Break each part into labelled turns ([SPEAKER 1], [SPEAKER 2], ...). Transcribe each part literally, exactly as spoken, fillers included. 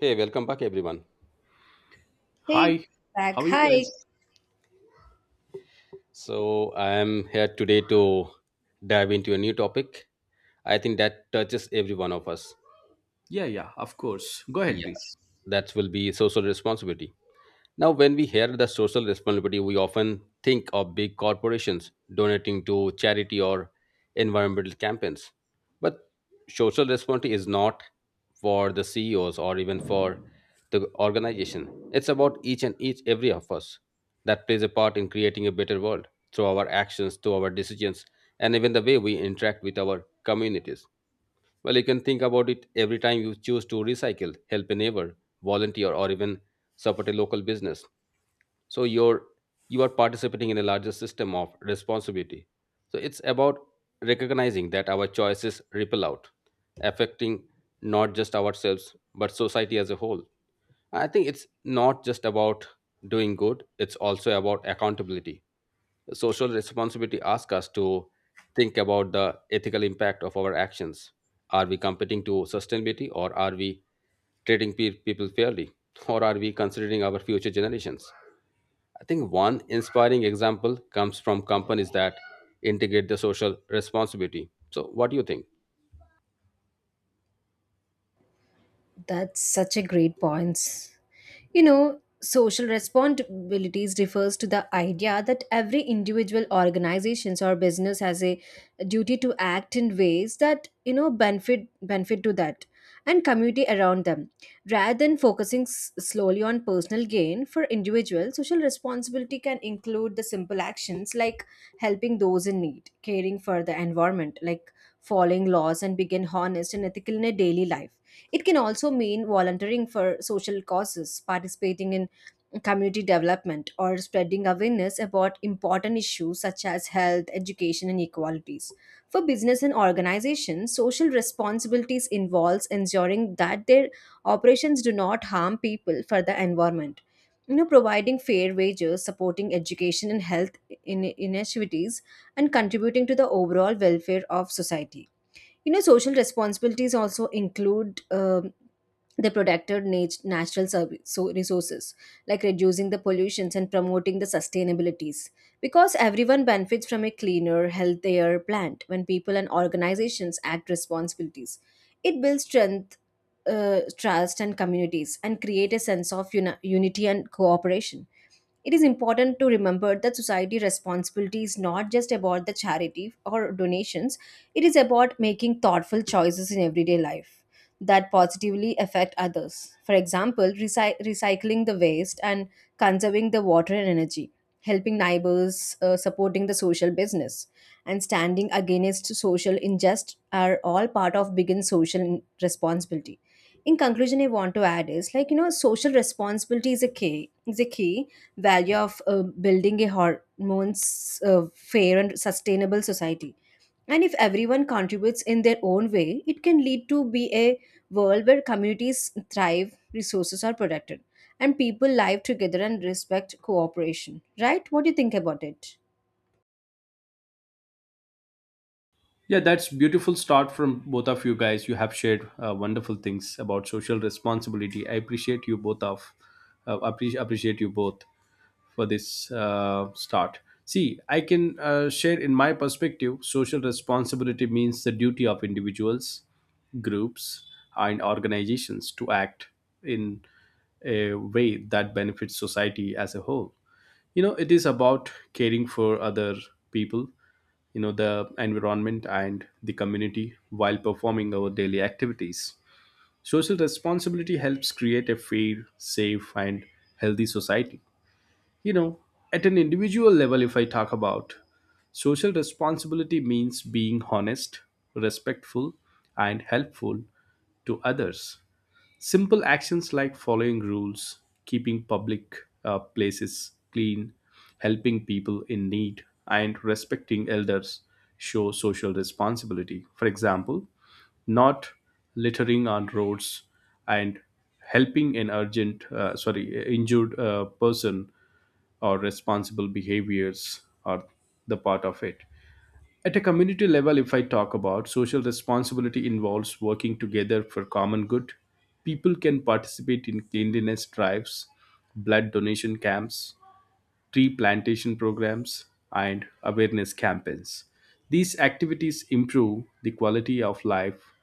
[SPEAKER 1] Hey, welcome back, everyone.
[SPEAKER 2] Hey,
[SPEAKER 3] Hi,
[SPEAKER 2] back.
[SPEAKER 3] how are you
[SPEAKER 2] Hi.
[SPEAKER 3] guys?
[SPEAKER 1] So, I am here today to dive into a new topic. I think that touches every one of us.
[SPEAKER 3] Yeah, yeah, of course. Go ahead,
[SPEAKER 1] Yeah,
[SPEAKER 3] please.
[SPEAKER 1] that will be social responsibility. Now, when we hear the social responsibility, we often think of big corporations donating to charity or environmental campaigns. But social responsibility is not for the C E Os or even for the organization. It's about each and each every of us that plays a part in creating a better world through our actions, through our decisions, and even the way we interact with our communities. Well, you can think about it every time you choose to recycle, help a neighbor, volunteer, or even support a local business, so you're you are participating in a larger system of responsibility. So it's about recognizing that our choices ripple out, affecting not just ourselves but society as a whole. I think it's not just about doing good, it's also about accountability. Social responsibility asks us to think about the ethical impact of our actions. Are we competing to sustainability, or are we treating pe- people fairly, or are we considering our future generations? I think one inspiring example comes from companies that integrate the social responsibility. So, what do you think?
[SPEAKER 2] That's such a great point. You know, social responsibilities refers to the idea that every individual organizations or business has a duty to act in ways that, you know, benefit benefit to that and community around them. Rather than focusing s- slowly on personal gain for individuals, social responsibility can include the simple actions like helping those in need, caring for the environment, like following laws and being honest and ethical in a daily life. It can also mean volunteering for social causes, participating in community development, or spreading awareness about important issues such as health, education, and equalities. For business and organizations, social responsibilities involves ensuring that their operations do not harm people for the environment. You know, providing fair wages, supporting education and health in- initiatives, and contributing to the overall welfare of society. You know, social responsibilities also include um they protected nat- natural serv- so resources like reducing the pollutions and promoting the sustainabilities, because everyone benefits from a cleaner healthier planet. When people and organizations act responsibilities, it builds strength, uh, trust and communities, and create a sense of uni- unity and cooperation. It is important to remember that society responsibility is not just about the charity or donations, it is about making thoughtful choices in everyday life that positively affect others. For example, recy- recycling the waste and conserving the water and energy, helping neighbors, uh, supporting the social business, and standing against social injustice are all part of bigger social responsibility. In conclusion, I want to add is, like, you know, social responsibility is a key is a key value of uh, building a hormones, uh, fair and sustainable society. And if everyone contributes in their own way, it can lead to be a world where communities thrive, resources are protected, and people live together and respect cooperation. Right, what do you think about it?
[SPEAKER 3] Yeah, that's beautiful start from both of you guys. You have shared uh, wonderful things about social responsibility. I appreciate you both of uh, appreciate appreciate you both for this uh, start. See, I can uh, share in my perspective. Social responsibility means the duty of individuals, groups, and organizations to act in a way that benefits society as a whole. You know, it is about caring for other people, you know, the environment and the community while performing our daily activities. Social responsibility helps create a fair, safe, and healthy society. You know, at an individual level, if I talk about social responsibility, means being honest, respectful, and helpful to others. Simple actions like following rules, keeping public uh, places clean, helping people in need, and respecting elders show social responsibility. For example, not littering on roads and helping an urgent, uh, sorry, injured uh, person or responsible behaviors are the part of it. At a community level, if I talk about, social responsibility involves working together for common good. People can participate in cleanliness drives, blood donation camps, tree plantation programs, and awareness campaigns. These activities improve the quality of life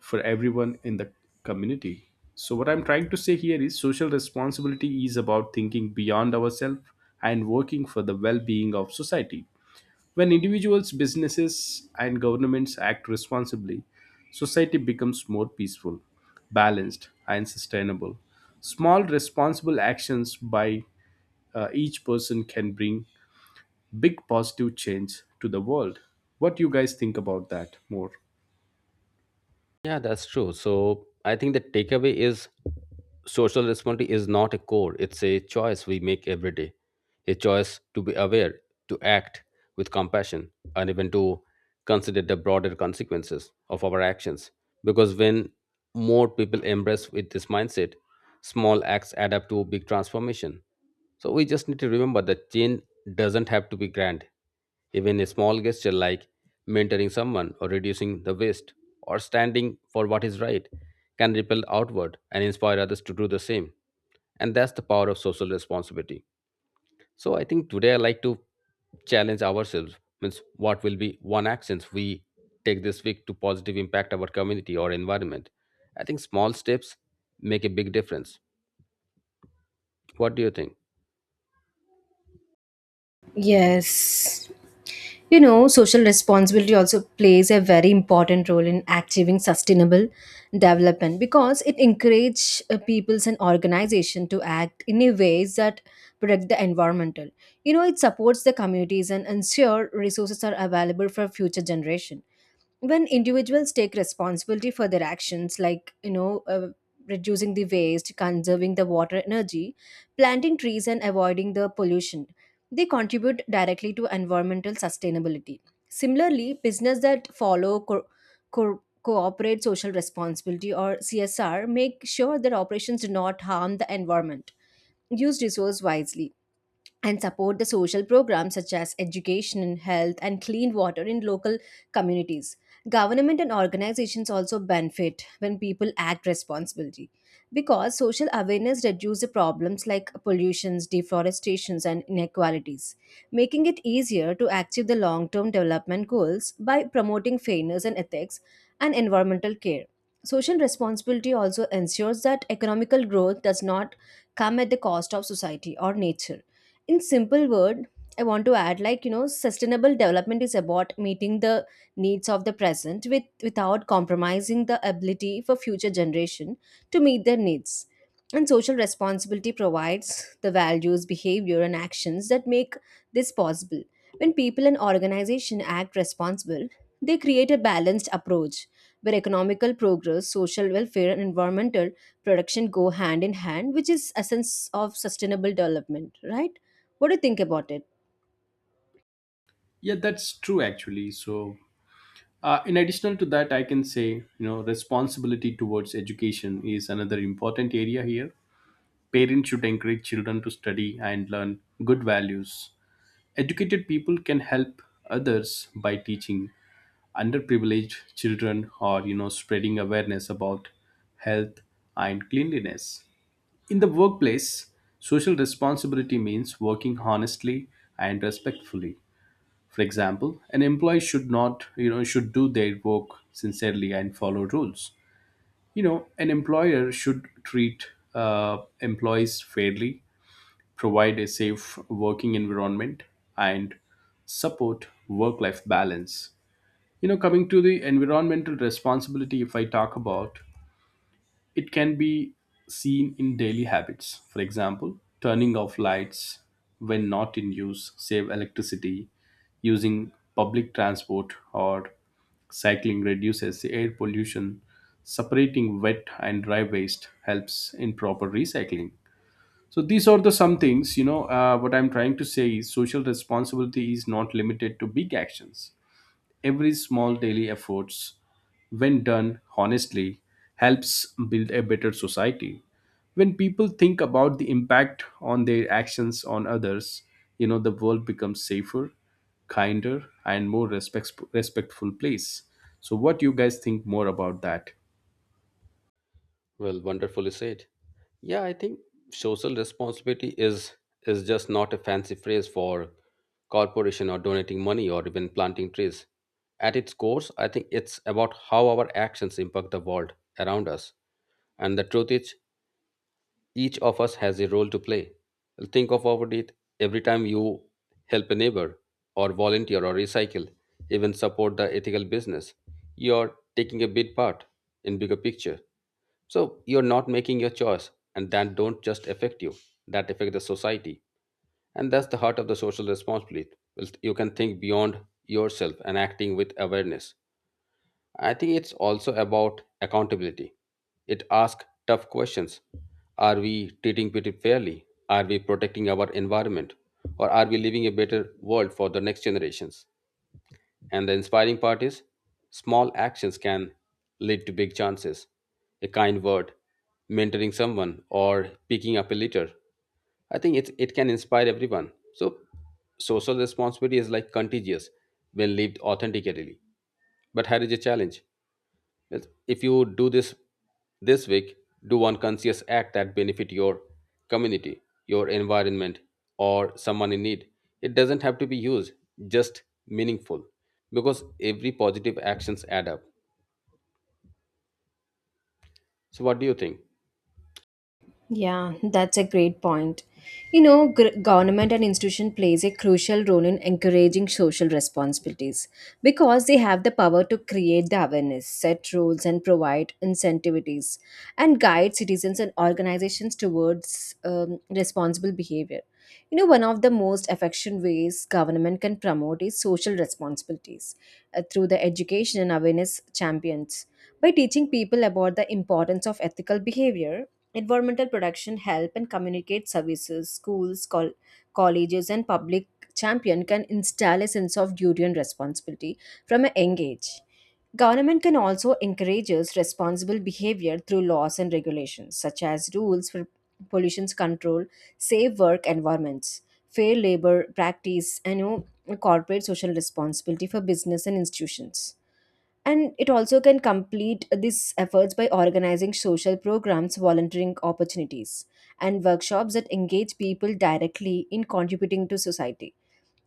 [SPEAKER 3] for everyone in the community. So, what I'm trying to say here is social responsibility is about thinking beyond ourselves and working for the well being of society. When individuals, businesses, and governments act responsibly, society becomes more peaceful, balanced, and sustainable. Small, responsible actions by uh, each person can bring big positive change to the world. What do you guys think about that more?
[SPEAKER 1] Yeah, that's true. So I think the takeaway is social responsibility is not a core, it's a choice we make every day. A choice to be aware, to act with compassion, and even to consider the broader consequences of our actions. Because when more people embrace with this mindset, small acts add up to big transformation. So we just need to remember that change doesn't have to be grand. Even a small gesture like mentoring someone or reducing the waste or standing for what is right can ripple outward and inspire others to do the same. And that's the power of social responsibility. So I think today I like to challenge ourselves, means what will be one actions we take this week to positive impact our community or environment. I think small steps make a big difference. What do you think?
[SPEAKER 2] Yes. You know, social responsibility also plays a very important role in achieving sustainable development because it encourages uh, peoples and organizations to act in a ways that protect the environmental. You know, it supports the communities and ensure resources are available for future generation. When individuals take responsibility for their actions, like, you know, uh, reducing the waste, conserving the water energy, planting trees, and avoiding the pollution, they contribute directly to environmental sustainability. Similarly, business that follow co- co- cooperate social responsibility, or CSR, make sure their operations do not harm the environment, use resource wisely, and support the social programs such as education, health, and clean water in local communities. Government and organizations also benefit when people act responsibly, because social awareness reduces problems like pollutions, deforestations, and inequalities, making it easier to achieve the long term development goals by promoting fairness and ethics and environmental care. Social responsibility also ensures that economical growth does not come at the cost of society or nature. In simple word, I want to add, like, you know, sustainable development is about meeting the needs of the present with without compromising the ability for future generation to meet their needs. And social responsibility provides the values, behavior, and actions that make this possible. When people and organization act responsible, they create a balanced approach where economical progress, social welfare, and environmental production go hand in hand, which is essence of sustainable development. Right, what do you think about it?
[SPEAKER 3] Yeah, that's true actually. So, uh, in addition to that, I can say, you know, responsibility towards education is another important area here. Parents should encourage children to study and learn good values. Educated people can help others by teaching underprivileged children, or you know, spreading awareness about health and cleanliness. In the workplace, social responsibility means working honestly and respectfully. For example, an employee should not, you know, should do their work sincerely and follow rules. You know, an employer should treat uh, employees fairly, provide a safe working environment, and support work life balance. You know, coming to the environmental responsibility, if I talk about it, can be seen in daily habits. For example, turning off lights when not in use, save electricity, using public transport, or cycling reduces the air pollution. Separating wet and dry waste helps in proper recycling. So these are the some things, you know, uh, what I'm trying to say is social responsibility is not limited to big actions. Every small daily efforts, when done honestly, helps build a better society. When people think about the impact on their actions on others, you know, the world becomes safer, kinder, and more respect- respectful place. So what you guys think more about that?
[SPEAKER 1] Well, wonderfully said. Yeah, I think social responsibility is is just not a fancy phrase for corporation or donating money or even planting trees. At its core, I think it's about how our actions impact the world around us. And the truth is, each of us has a role to play. Think of about it, every time you help a neighbor, or volunteer, or recycle, even support the ethical business, you're taking a big part in bigger picture. So you're not making your choice, and that don't just affect you, that affect the society. And that's the heart of the social responsibility. Well, you can think beyond yourself and acting with awareness. I think it's also about accountability. It asks tough questions. Are we treating people fairly? Are we protecting our environment? Or are we leaving a better world for the next generations? And the inspiring part is small actions can lead to big chances. A kind word, mentoring someone, or picking up a litter. I think it, it can inspire everyone. So, social responsibility is like contagious when lived authentically. But here is a challenge. Yes, if you do this this week, do one conscious act that benefit your community, your environment, or someone in need. It doesn't have to be huge, just meaningful, because every positive actions add up. So, what do you think?
[SPEAKER 2] Yeah, that's a great point. You know, gr- government and institution plays a crucial role in encouraging social responsibilities, because they have the power to create the awareness, set rules, and provide incentives and guide citizens and organizations towards um, responsible behavior. You know, one of the most effective ways government can promote is social responsibilities uh, through the education and awareness champions, by teaching people about the importance of ethical behavior. Environmental production help and communicate services. Schools, col- colleges, and public champion can install a sense of duty and responsibility from a young age. Government can also encourage responsible behavior through laws and regulations, such as rules for pollution control, safe work environments, fair labor practice, and, you know, corporate social responsibility for business and institutions. And it also can complete these efforts by organizing social programs, volunteering opportunities, and workshops that engage people directly in contributing to society.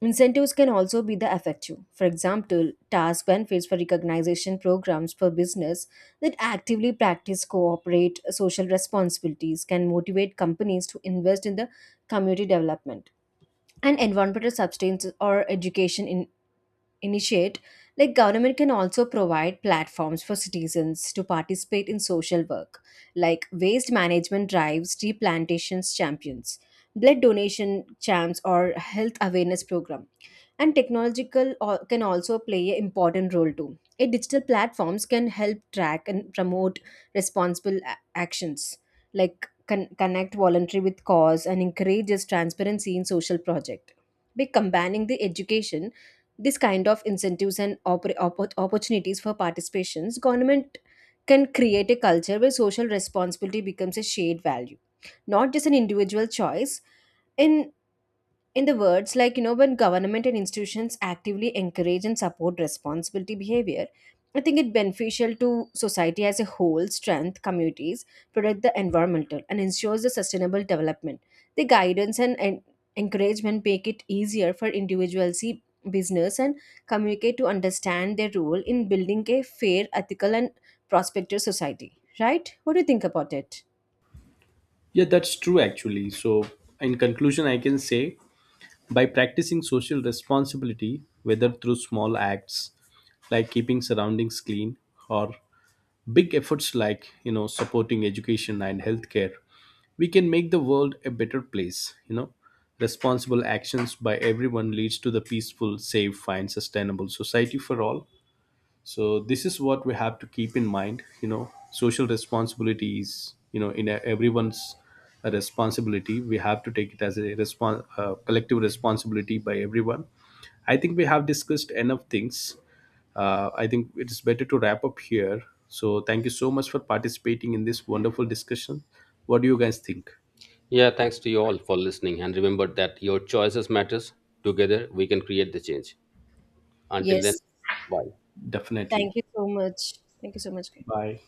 [SPEAKER 2] Incentives can also be the effective. For example, task benefits for recognition programs for business that actively practice cooperate social responsibilities can motivate companies to invest in the community development. And environmental substance or education in initiate, like, government can also provide platforms for citizens to participate in social work like waste management drives, tree plantations champions, blood donation champs, or health awareness program. And technological al- can also play an important role too. A digital platforms can help track and promote responsible a- actions, like con- connect voluntary with cause and encourages transparency in social project. By combining the education, this kind of incentives and oppor- oppo- opportunities for participations, government can create a culture where social responsibility becomes a shared value, not just an individual choice. in in the words, like, you know, when government and institutions actively encourage and support responsibility behavior, I think it beneficial to society as a whole, strength communities, protect the environmental, and ensures the sustainable development. The guidance and, and encouragement make it easier for individuals see business and communicate to understand their role in building a fair, ethical, and prospective society. Right, what do you think about it?
[SPEAKER 3] Yeah, that's true actually. So in conclusion, I can say, by practicing social responsibility, whether through small acts like keeping surroundings clean or big efforts like, you know, supporting education and healthcare, we can make the world a better place, you know. Responsible actions by everyone leads to the peaceful, safe, and sustainable society for all. So this is what we have to keep in mind. You know, social responsibility is, you know, in a- everyone's a responsibility. We have to take it as a respon- uh, collective responsibility by everyone. I think we have discussed enough things. Uh, i think it is better to wrap up here. So thank you so much for participating in this wonderful discussion. What do you guys think?
[SPEAKER 1] Yeah, thanks to you all for listening, and remember that your choices matters. Together, we can create the change. Until then,
[SPEAKER 2] Yes,
[SPEAKER 1] bye.
[SPEAKER 2] thank
[SPEAKER 3] Definitely.
[SPEAKER 2] you so much. Thank you so much.
[SPEAKER 3] Bye.